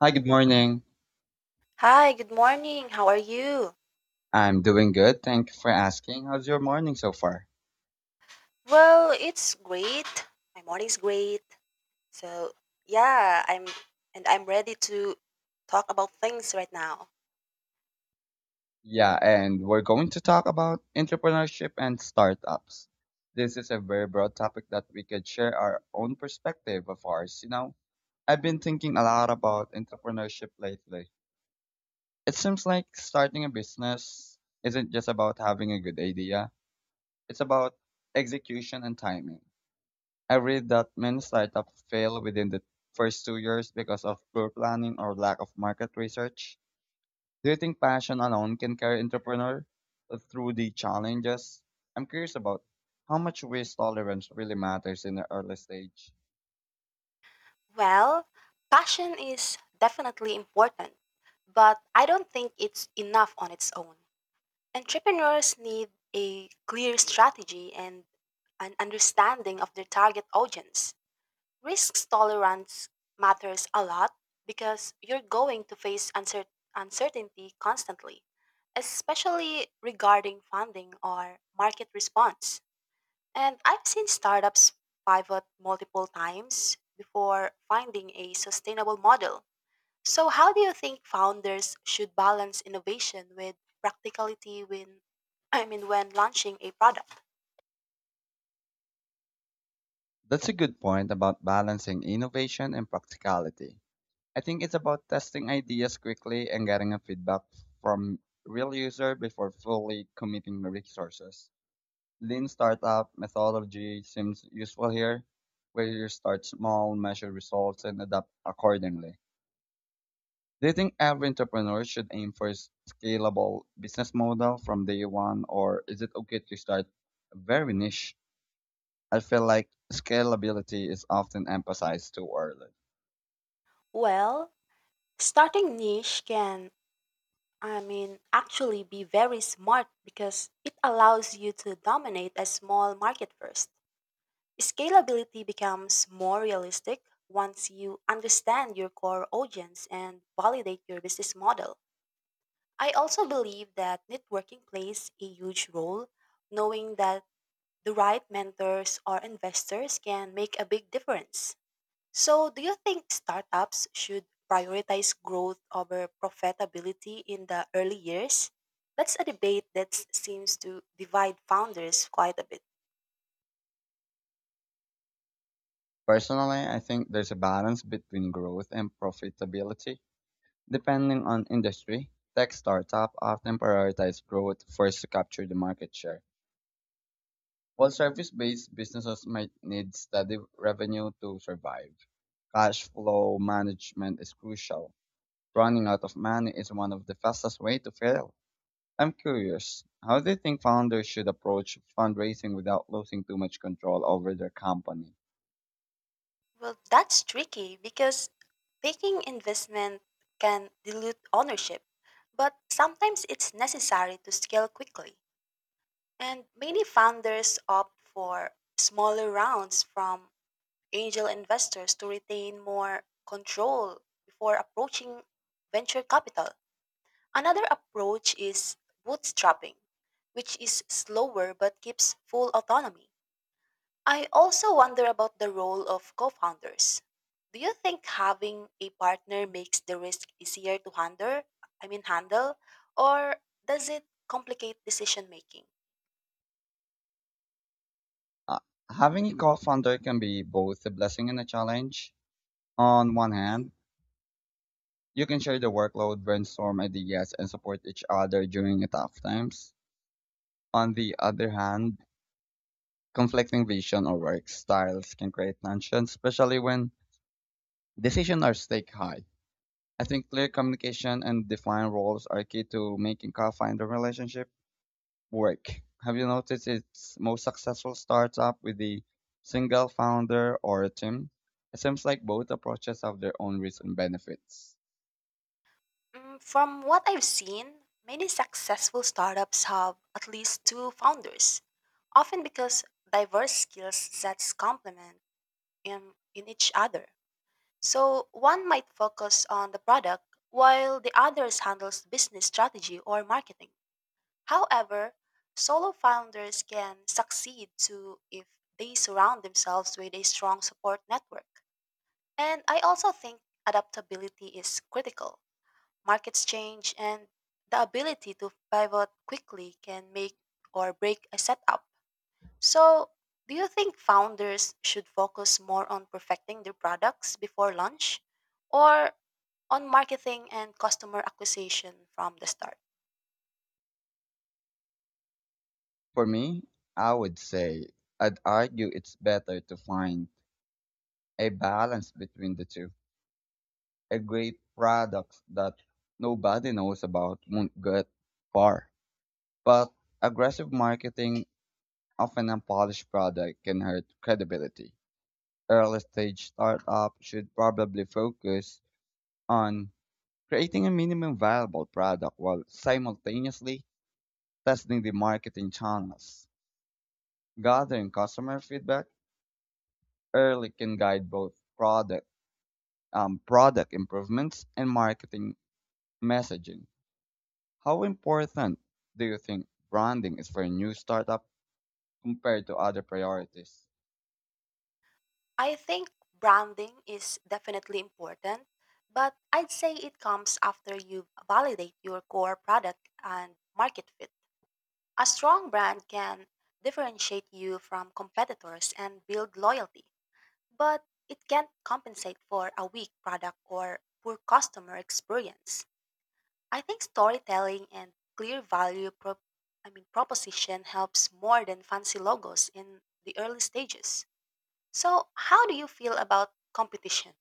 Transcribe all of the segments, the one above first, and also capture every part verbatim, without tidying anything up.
Hi, good morning. Hi, good morning. How are you? I'm doing good. Thank you for asking. How's your morning so far? Well, it's great. My morning's great. So, yeah, I'm and I'm ready to talk about things right now. Yeah, and we're going to talk about entrepreneurship and startups. This is a very broad topic that we could share our own perspective of ours. You know, I've been thinking a lot about entrepreneurship lately. It seems like starting a business isn't just about having a good idea, it's about execution and timing. I read that many startups fail within the first two years because of poor planning or lack of market research. Do you think passion alone can carry entrepreneur through the challenges? I'm curious about how much risk tolerance really matters in the early stage. Well, passion is definitely important, but I don't think it's enough on its own. Entrepreneurs need a clear strategy and an understanding of their target audience. Risk tolerance matters a lot because you're going to face uncer- uncertainty constantly, especially regarding funding or market response. And I've seen startups pivot multiple times before finding a sustainable model. So, how do you think founders should balance innovation with practicality when I mean when launching a product? That's a good point about balancing innovation and practicality. I think it's about testing ideas quickly and getting a feedback from real user before fully committing the resources. Lean startup methodology seems useful here, where you start small, measure results, and adapt accordingly. Do you think every entrepreneur should aim for a scalable business model from day one, or is it okay to start very niche? I feel like scalability is often emphasized too early. Well, starting niche can, I mean, actually be very smart because it allows you to dominate a small market first. Scalability becomes more realistic once you understand your core audience and validate your business model. I also believe that networking plays a huge role. Knowing that the right mentors or investors can make a big difference. So, do you think startups should prioritize growth over profitability in the early years? That's a debate that s- seems to divide founders quite a bit. Personally, I think there's a balance between growth and profitability. Depending on industry, tech startup often prioritize growth first to capture the market share. While service-based businesses might need steady revenue to survive, cash flow management is crucial. Running out of money is one of the fastest ways to fail. I'm curious, how do you think founders should approach fundraising without losing too much control over their company? Well, that's tricky because taking investment can dilute ownership, but sometimes it's necessary to scale quickly. And many founders opt for smaller rounds from angel investors to retain more control before approaching venture capital. Another approach is bootstrapping, which is slower but keeps full autonomy. I also wonder about the role of co founders. Do you think having a partner makes the risk easier to handle? I mean, handle, or does it complicate decision making? Uh, Having a co-founder can be both a blessing and a challenge. On one hand, you can share the workload, brainstorm ideas, and support each other during tough times. On the other hand, conflicting vision or work styles can create tension, especially when decisions are stake high. I think clear communication and defined roles are key to making co-founder relationship work. Have you noticed its most successful startup with the single founder or a team? It seems like both approaches have their own risks and benefits. Mm, From what I've seen, many successful startups have at least two founders, often because diverse skill sets complement in, in each other. So one might focus on the product while the others handles business strategy or marketing. However, solo founders can succeed too if they surround themselves with a strong support network. And I also think adaptability is critical. Markets change and the ability to pivot quickly can make or break a setup. So, do you think founders should focus more on perfecting their products before launch? Or on marketing and customer acquisition from the start. For me, I would say I'd argue it's better to find a balance between the two. A great product that nobody knows about won't get far. But aggressive marketing of an unpolished product can hurt credibility. Early stage startup should probably focus on creating a minimum viable product while simultaneously testing the marketing channels. Gathering customer feedback early can guide both product um, product improvements and marketing messaging. How important do you think branding is for a new startup compared to other priorities? I think branding is definitely important, but I'd say it comes after you validate your core product and market fit. A strong brand can differentiate you from competitors and build loyalty, but it can't compensate for a weak product or poor customer experience. I think storytelling and clear value prop- I mean proposition helps more than fancy logos in the early stages. So, how do you feel about competition?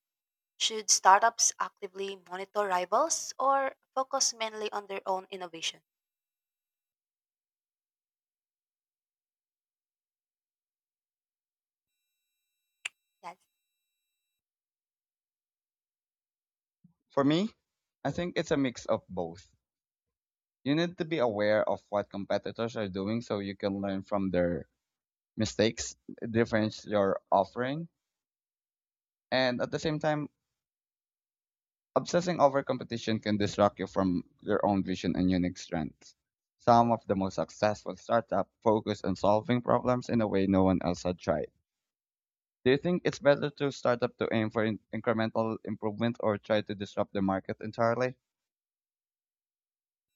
Should startups actively monitor rivals or focus mainly on their own innovation? Yes. For me, I think it's a mix of both. You need to be aware of what competitors are doing so you can learn from their mistakes, differentiate your offering, and at the same time, obsessing over competition can distract you from your own vision and unique strengths. Some of the most successful startups focus on solving problems in a way no one else had tried. Do you think it's better to start up to aim for in- incremental improvement or try to disrupt the market entirely?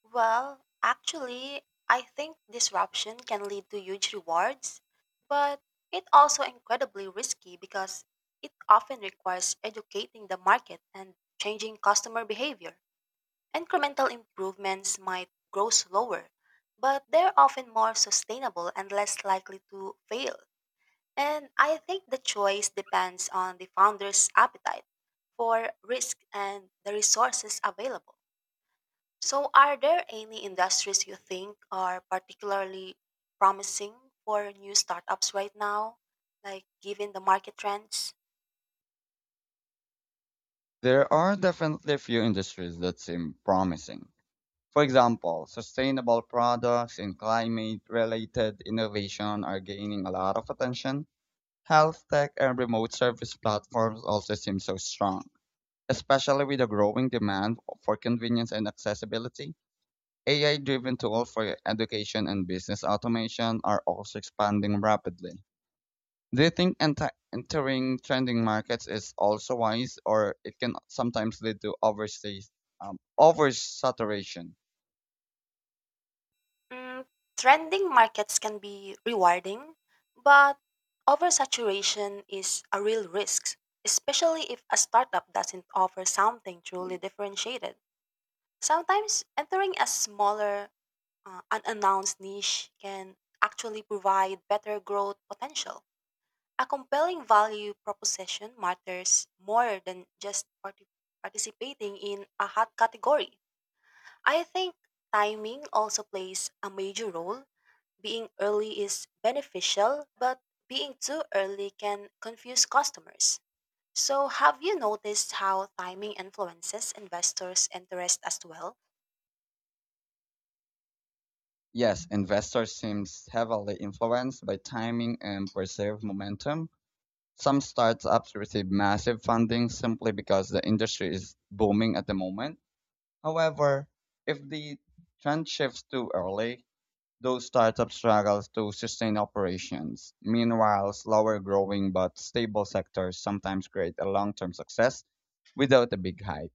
Well, actually, I think disruption can lead to huge rewards, but it also incredibly risky because it often requires educating the market and changing customer behavior. Incremental improvements might grow slower, but they're often more sustainable and less likely to fail. And I think the choice depends on the founder's appetite for risk and the resources available. So, are there any industries you think are particularly promising for new startups right now, like given the market trends? There are definitely a few industries that seem promising. For example, sustainable products and climate related innovation are gaining a lot of attention. Health tech and remote service platforms also seem so strong, especially with the growing demand for convenience and accessibility. A I driven tools for education and business automation are also expanding rapidly. Do you think enti- entering trending markets is also wise, or it can sometimes lead to overseas, um, oversaturation? Mm, Trending markets can be rewarding, but oversaturation is a real risk, especially if a startup doesn't offer something truly differentiated. Sometimes entering a smaller, uh, unannounced niche can actually provide better growth potential. A compelling value proposition matters more than just parti- participating in a hot category. I think timing also plays a major role, being early is beneficial, but being too early can confuse customers. So, have you noticed how timing influences investors' interest as well? Yes, investors seems heavily influenced by timing and perceived momentum. Some startups receive massive funding simply because the industry is booming at the moment. However, if the trend shifts too early, those startups struggle to sustain operations. Meanwhile, slower growing but stable sectors sometimes create a long-term success without a big hype.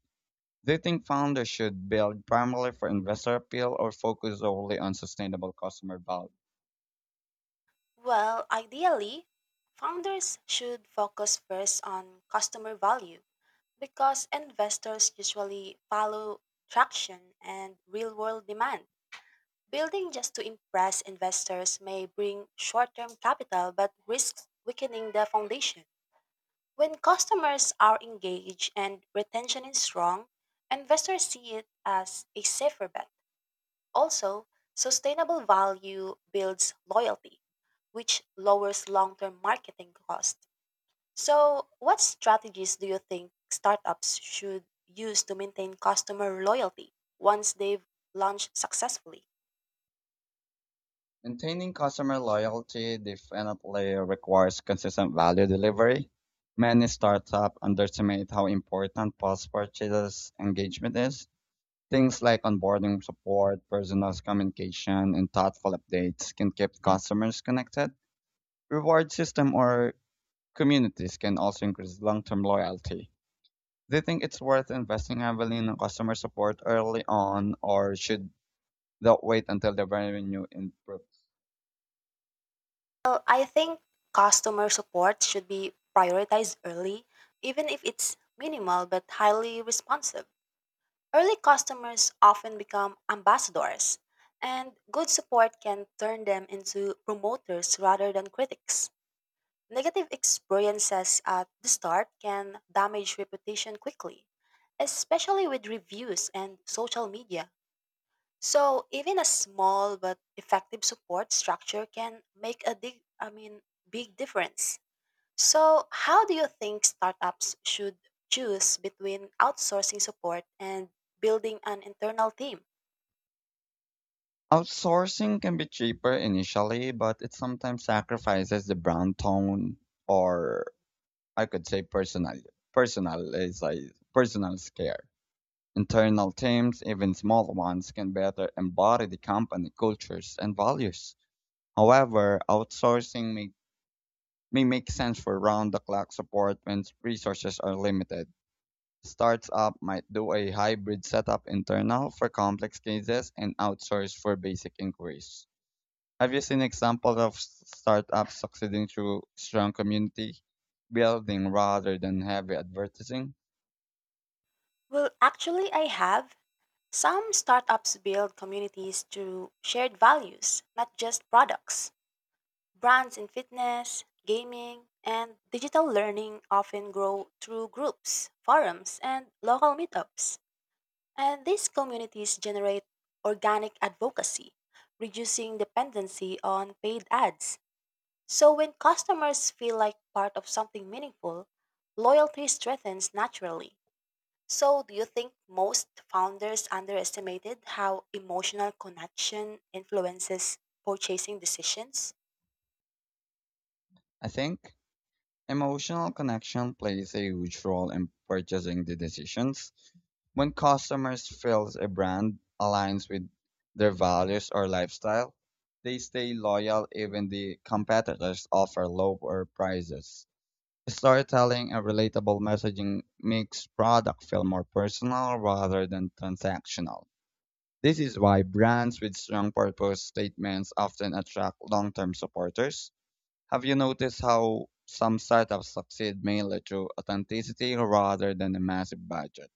Do you think founders should build primarily for investor appeal or focus solely on sustainable customer value? Well, ideally, founders should focus first on customer value because investors usually follow traction and real world demand. Building just to impress investors may bring short term capital but risks weakening the foundation. When customers are engaged and retention is strong, investors see it as a safer bet. Also, sustainable value builds loyalty, which lowers long term marketing costs. So, what strategies do you think startups should use to maintain customer loyalty once they've launched successfully? Maintaining customer loyalty definitely requires consistent value delivery. Many startups underestimate how important post purchase engagement is. Things like onboarding support, personalized communication, and thoughtful updates can keep customers connected. Reward system or communities can also increase long-term loyalty. Do you think it's worth investing heavily in customer support early on, or should they wait until the revenue improves? Well, I think customer support should be prioritized early, even if it's minimal but highly responsive. Early customers often become ambassadors, and good support can turn them into promoters rather than critics. Negative experiences at the start can damage reputation quickly, especially with reviews and social media. So, even a small but effective support structure can make a big, I mean, big difference. So, how do you think startups should choose between outsourcing support and building an internal team? Outsourcing can be cheaper initially, but it sometimes sacrifices the brand tone, or I could say personal, personal is like personal care. Internal teams, even small ones, can better embody the company cultures and values. However, outsourcing may, may make sense for round the clock support when resources are limited. Startup might do a hybrid setup internal for complex cases and outsource for basic inquiries. Have you seen examples of s- startups succeeding through strong community building rather than heavy advertising? Well, actually, I have. Some startups build communities through shared values, not just products. Brands in fitness, gaming, and digital learning often grow through groups, forums, and local meetups. And these communities generate organic advocacy, reducing dependency on paid ads. So when customers feel like part of something meaningful, loyalty strengthens naturally. So do you think most founders underestimated how emotional connection influences purchasing decisions? I think. Emotional connection plays a huge role in purchasing the decisions. When customers feel a brand aligns with their values or lifestyle, they stay loyal even the competitors offer lower prices. Storytelling and relatable messaging makes product feel more personal rather than transactional. This is why brands with strong purpose statements often attract long-term supporters. Have you noticed how some startups succeed mainly through authenticity rather than a massive budget?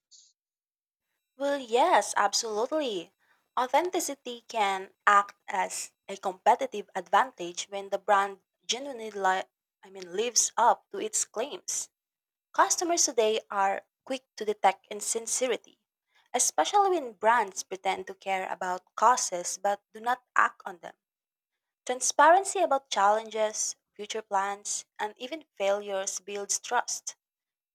Well, yes, absolutely. Authenticity can act as a competitive advantage when the brand genuinely li- I mean lives up to its claims. Customers today are quick to detect insincerity, especially when brands pretend to care about causes but do not act on them. Transparency about challenges, future plans, and even failures builds trust.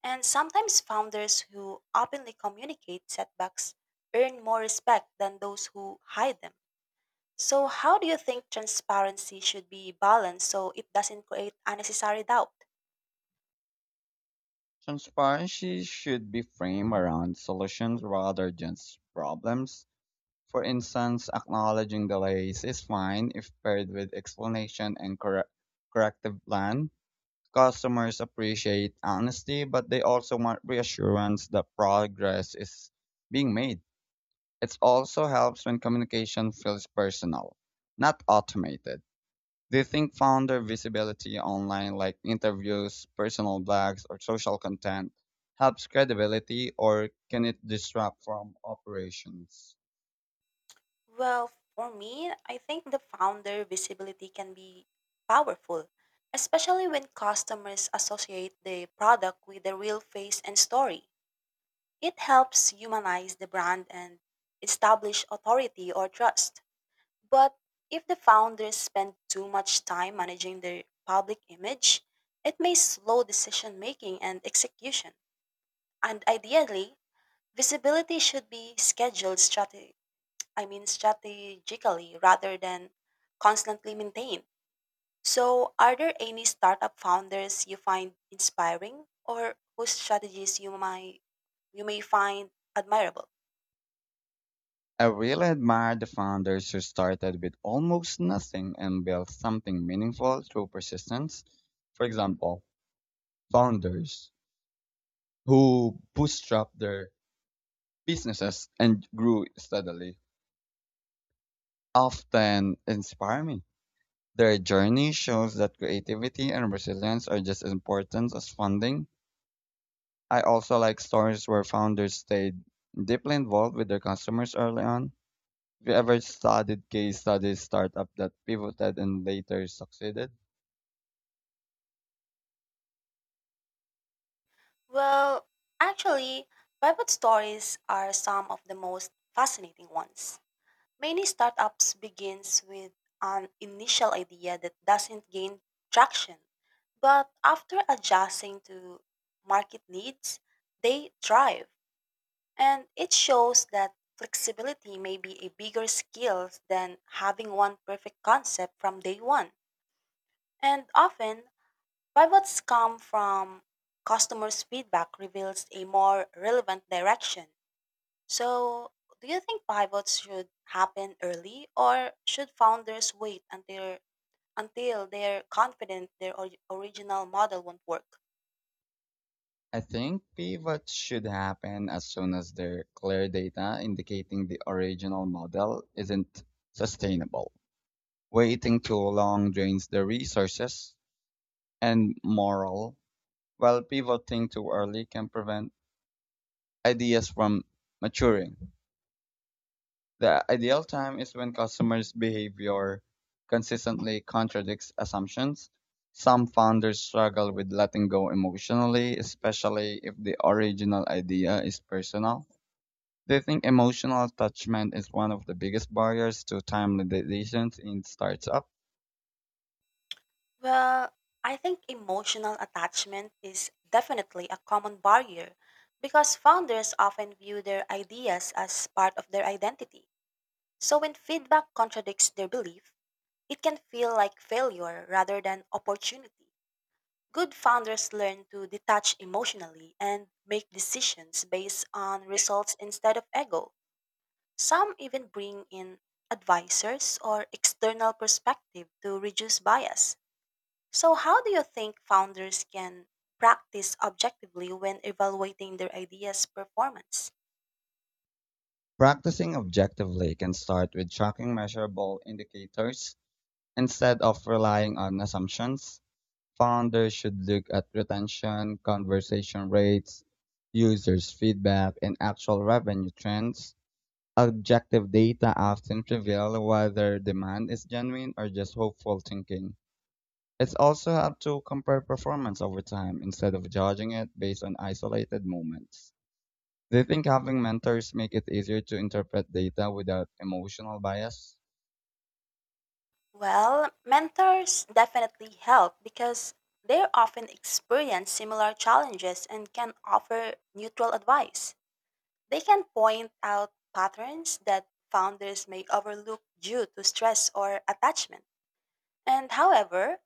And sometimes founders who openly communicate setbacks earn more respect than those who hide them. So, how do you think transparency should be balanced so it doesn't create unnecessary doubt? Transparency should be framed around solutions rather than s- problems. For instance, acknowledging delays is fine if paired with explanation and correct corrective plan. Customers appreciate honesty, but they also want reassurance that progress is being made. It also helps when communication feels personal, not automated. Do you think founder visibility online, like interviews, personal blogs, or social content, helps credibility or can it disrupt from operations? Well, for me, I think the founder visibility can be powerful, especially when customers associate the product with the real face and story. It helps humanize the brand and establish authority or trust. But if the founders spend too much time managing their public image, it may slow decision making and execution. And ideally, visibility should be scheduled strate- I mean strategically rather than constantly maintained. So are there any startup founders you find inspiring or whose strategies you might you may find admirable? I really admire the founders who started with almost nothing and built something meaningful through persistence. For example, founders who bootstrap their businesses and grew steadily often inspire me. Their journey shows that creativity and resilience are just as important as funding. I also like stories where founders stayed deeply involved with their customers early on. Have you ever studied case studies startup that pivoted and later succeeded? Well, actually, private stories are some of the most fascinating ones. Many startups begins with an initial idea that doesn't gain traction, but after adjusting to market needs, they thrive. And it shows that flexibility may be a bigger skill than having one perfect concept from day one. And often, pivots come from customers' feedback reveals a more relevant direction. So, do you think pivots should happen early or should founders wait until until they're confident their or- original model won't work? I think pivots should happen as soon as there are clear data indicating the original model isn't sustainable. Waiting too long drains the resources and morale, while pivoting too early can prevent ideas from maturing. The ideal time is when customers' behavior consistently contradicts assumptions. Some founders struggle with letting go emotionally, especially if the original idea is personal. They think emotional attachment is one of the biggest barriers to timely decisions in startup. Well, I think emotional attachment is definitely a common barrier because founders often view their ideas as part of their identity. So when feedback contradicts their belief, it can feel like failure rather than opportunity. Good founders learn to detach emotionally and make decisions based on results instead of ego. Some even bring in advisors or external perspective to reduce bias. So, how do you think founders can practice objectively when evaluating their ideas' performance? Practicing objectively can start with tracking measurable indicators instead of relying on assumptions. Founders should look at retention, conversation rates, users' feedback, and actual revenue trends. Objective data often reveal whether demand is genuine or just hopeful thinking. It's also helpful to compare performance over time instead of judging it based on isolated moments. Do you think having mentors make it easier to interpret data without emotional bias? Well, mentors definitely help because they often experience similar challenges and can offer neutral advice. They can point out patterns that founders may overlook due to stress or attachment. And however,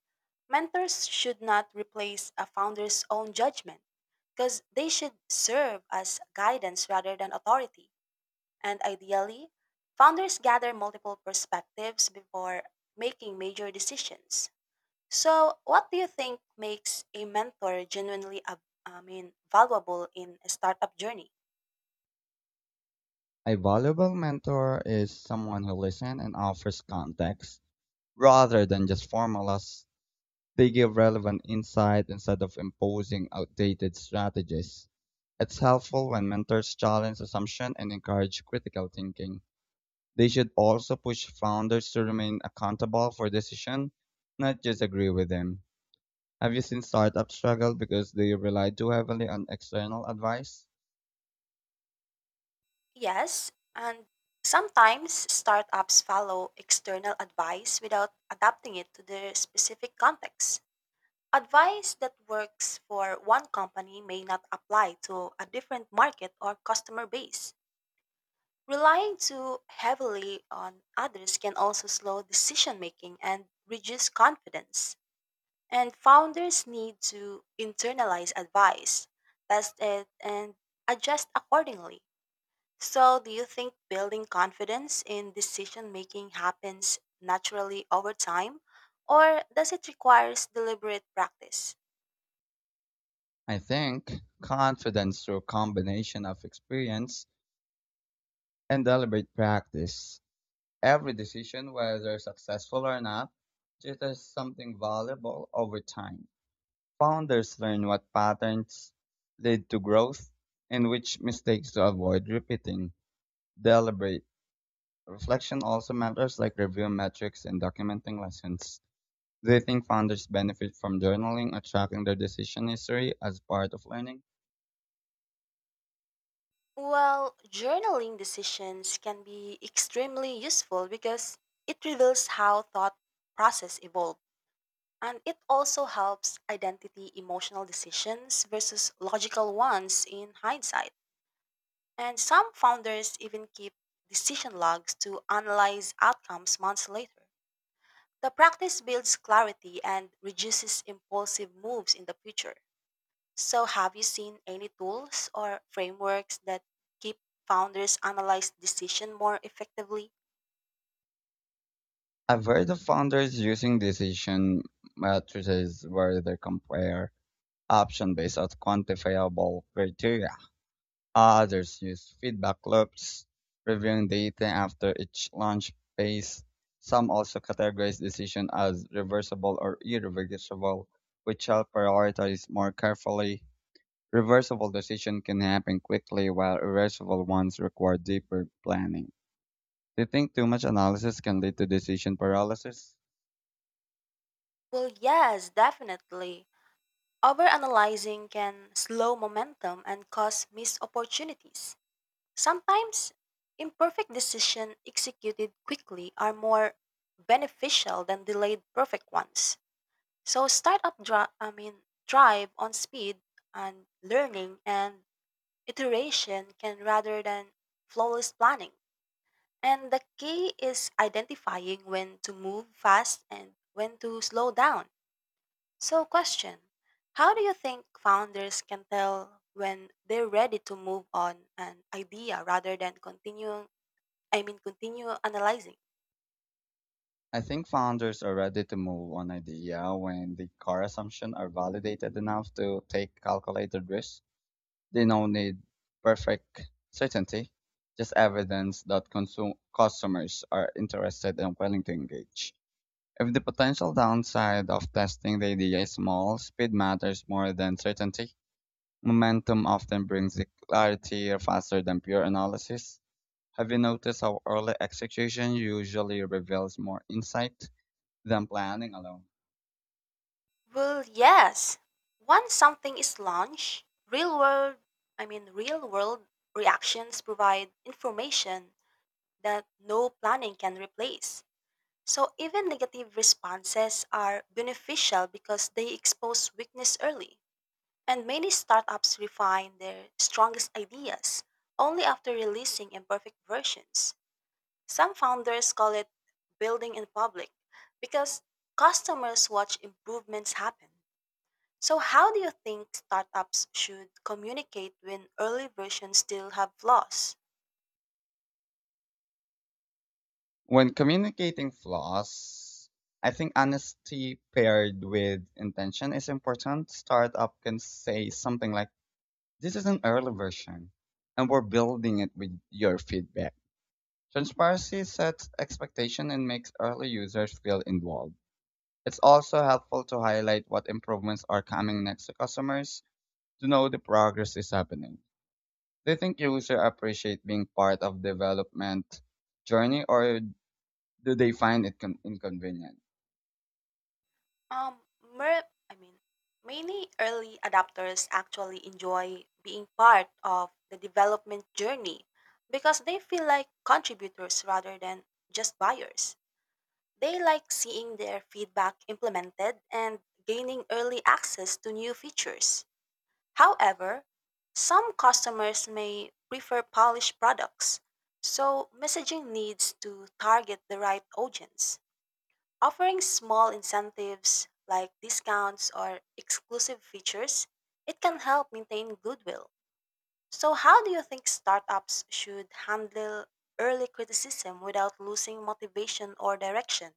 mentors should not replace a founder's own judgment because they should serve as guidance rather than authority. And ideally, founders gather multiple perspectives before making major decisions. So, what do you think makes a mentor genuinely, ab- I mean, valuable in a startup journey? A valuable mentor is someone who listens and offers context rather than just formulas. They give relevant insight instead of imposing outdated strategies. It's helpful when mentors challenge assumption and encourage critical thinking. They should also push founders to remain accountable for decision, not just agree with them. Have you seen startups struggle because they rely too heavily on external advice? Yes, and sometimes startups follow external advice without adapting it to their specific context. Advice that works for one company may not apply to a different market or customer base. Relying too heavily on others can also slow decision making and reduce confidence. And founders need to internalize advice, test it, and adjust accordingly. So, do you think building confidence in decision making happens naturally over time, or does it require deliberate practice? I think confidence through combination of experience and deliberate practice. Every decision, whether successful or not, teaches something valuable over time. Founders learn what patterns lead to growth and which mistakes to avoid repeating. Deliberate reflection also matters like review metrics and documenting lessons. Do you think founders benefit from journaling or tracking their decision history as part of learning? Well, journaling decisions can be extremely useful because it reveals how thought process evolved and it also helps identity emotional decisions versus logical ones in hindsight. And some founders even keep decision logs to analyze outcomes months later. The practice builds clarity and reduces impulsive moves in the future. So, have you seen any tools or frameworks that keep founders analyze decision more effectively? I've heard of founders using decision matrices where they compare option based on quantifiable criteria. Others use feedback loops, reviewing data after each launch phase. Some also categorize decision as reversible or irreversible, which help prioritize more carefully. Reversible decisions can happen quickly, while irreversible ones require deeper planning. Do you think too much analysis can lead to decision paralysis? Well, yes, definitely. Overanalyzing can slow momentum and cause missed opportunities. Sometimes, imperfect decisions executed quickly are more beneficial than delayed perfect ones. So, startup dri- I mean, drive on speed and learning and iteration can rather than flawless planning. And the key is identifying when to move fast and when to slow down. So, question. How do you think founders can tell when they're ready to move on an idea rather than continue? I mean, continue analyzing? I think founders are ready to move on idea when the core assumptions are validated enough to take calculated risks. They don't need perfect certainty, just evidence that consum- customers are interested and willing to engage. If the potential downside of testing the idea is small, speed matters more than certainty. Momentum often brings the clarity faster than pure analysis. Have you noticed how early execution usually reveals more insight than planning alone? Well, yes. Once something is launched, real world, I mean, real world reactions provide information that no planning can replace. So even negative responses are beneficial because they expose weakness early. And many startups refine their strongest ideas only after releasing imperfect versions. Some founders call it building in public because customers watch improvements happen. So how do you think startups should communicate when early versions still have flaws? When communicating flaws, I think honesty paired with intention is important. Startup can say something like, this is an early version, and we're building it with your feedback. Transparency sets expectation and makes early users feel involved. It's also helpful to highlight what improvements are coming next to customers to know the progress is happening. Do you think users appreciate being part of development journey or do they find it con- inconvenient? Um, mer- I mean, Many early adopters actually enjoy being part of the development journey because they feel like contributors rather than just buyers. They like seeing their feedback implemented and gaining early access to new features. However, some customers may prefer polished products, so messaging needs to target the right audience. Offering small incentives like discounts or exclusive features, it can help maintain goodwill. So, how do you think startups should handle early criticism without losing motivation or direction?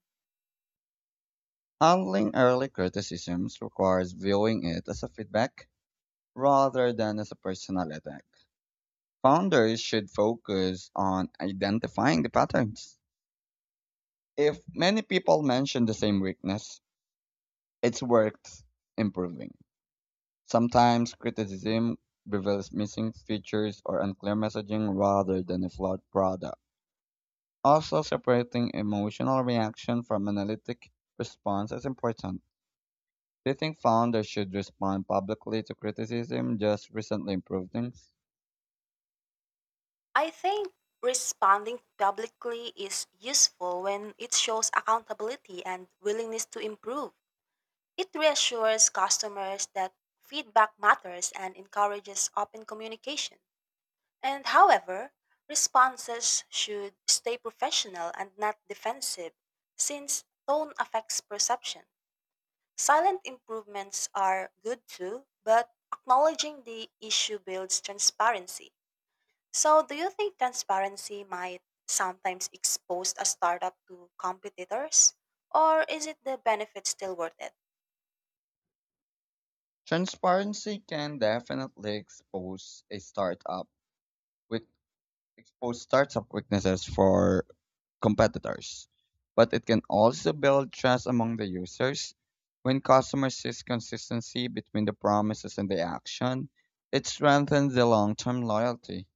Handling early criticisms requires viewing it as a feedback rather than as a personal attack. Founders should focus on identifying the patterns. If many people mention the same weakness, it's worth improving. Sometimes criticism reveals missing features or unclear messaging rather than a flawed product. Also, separating emotional reaction from analytic response is important. They think founders should respond publicly to criticism just recently improved things? I think responding publicly is useful when it shows accountability and willingness to improve. It reassures customers that feedback matters and encourages open communication. And however, responses should stay professional and not defensive, since tone affects perception. Silent improvements are good too, but acknowledging the issue builds transparency. So, do you think transparency might sometimes expose a startup to competitors? Or is it the benefit still worth it? Transparency can definitely expose a startup with expose startup weaknesses for competitors, but it can also build trust among the users. When customers sees consistency between the promises and the action, it strengthens the long-term loyalty.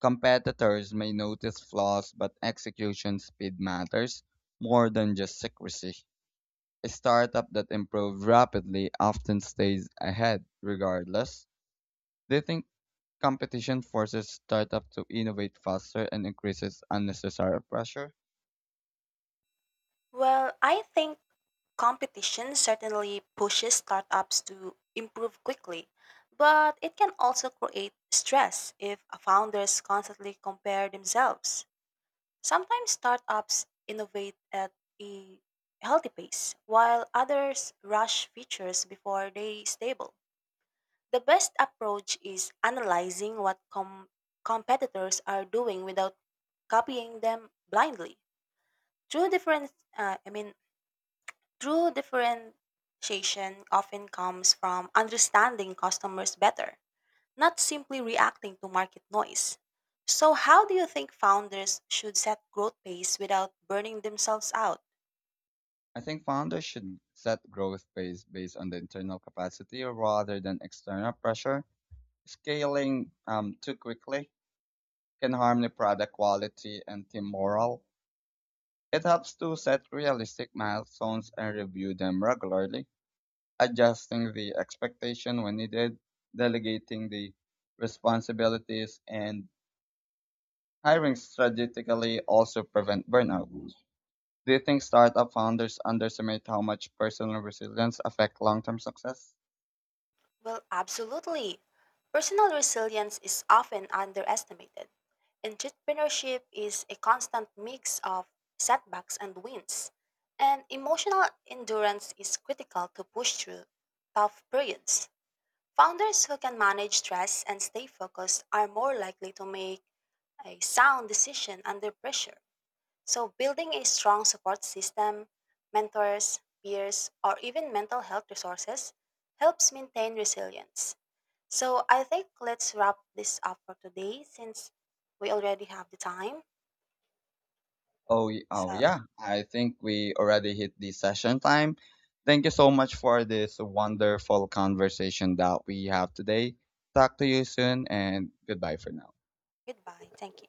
Competitors may notice flaws, but execution speed matters more than just secrecy. A startup that improves rapidly often stays ahead regardless. Do you think competition forces startups to innovate faster and increases unnecessary pressure. Well, I think competition certainly pushes startups to improve quickly, but it can also create stress if founders constantly compare themselves. Sometimes startups innovate at a healthy pace, while others rush features before they stable. The best approach is analyzing what com- competitors are doing without copying them blindly. Through different, uh, I mean, True differentiation often comes from understanding customers better, not simply reacting to market noise. So, how do you think founders should set growth pace without burning themselves out? I think founders should set growth pace based on the internal capacity rather than external pressure. Scaling um, too quickly can harm the product quality and team morale. It helps to set realistic milestones and review them regularly, adjusting the expectation when needed, delegating the responsibilities, and hiring strategically also prevent burnout. Do you think startup founders underestimate how much personal resilience affect long-term success? Well, absolutely. Personal resilience is often underestimated. Entrepreneurship is a constant mix of setbacks and wins, and emotional endurance is critical to push through tough periods. Founders who can manage stress and stay focused are more likely to make a sound decision under pressure. So, building a strong support system, mentors, peers, or even mental health resources helps maintain resilience. So, I think let's wrap this up for today since we already have the time. Oh, y- oh So, yeah. I think we already hit the session time. Thank you so much for this wonderful conversation that we have today. Talk to you soon and goodbye for now. goodbye. Thank you.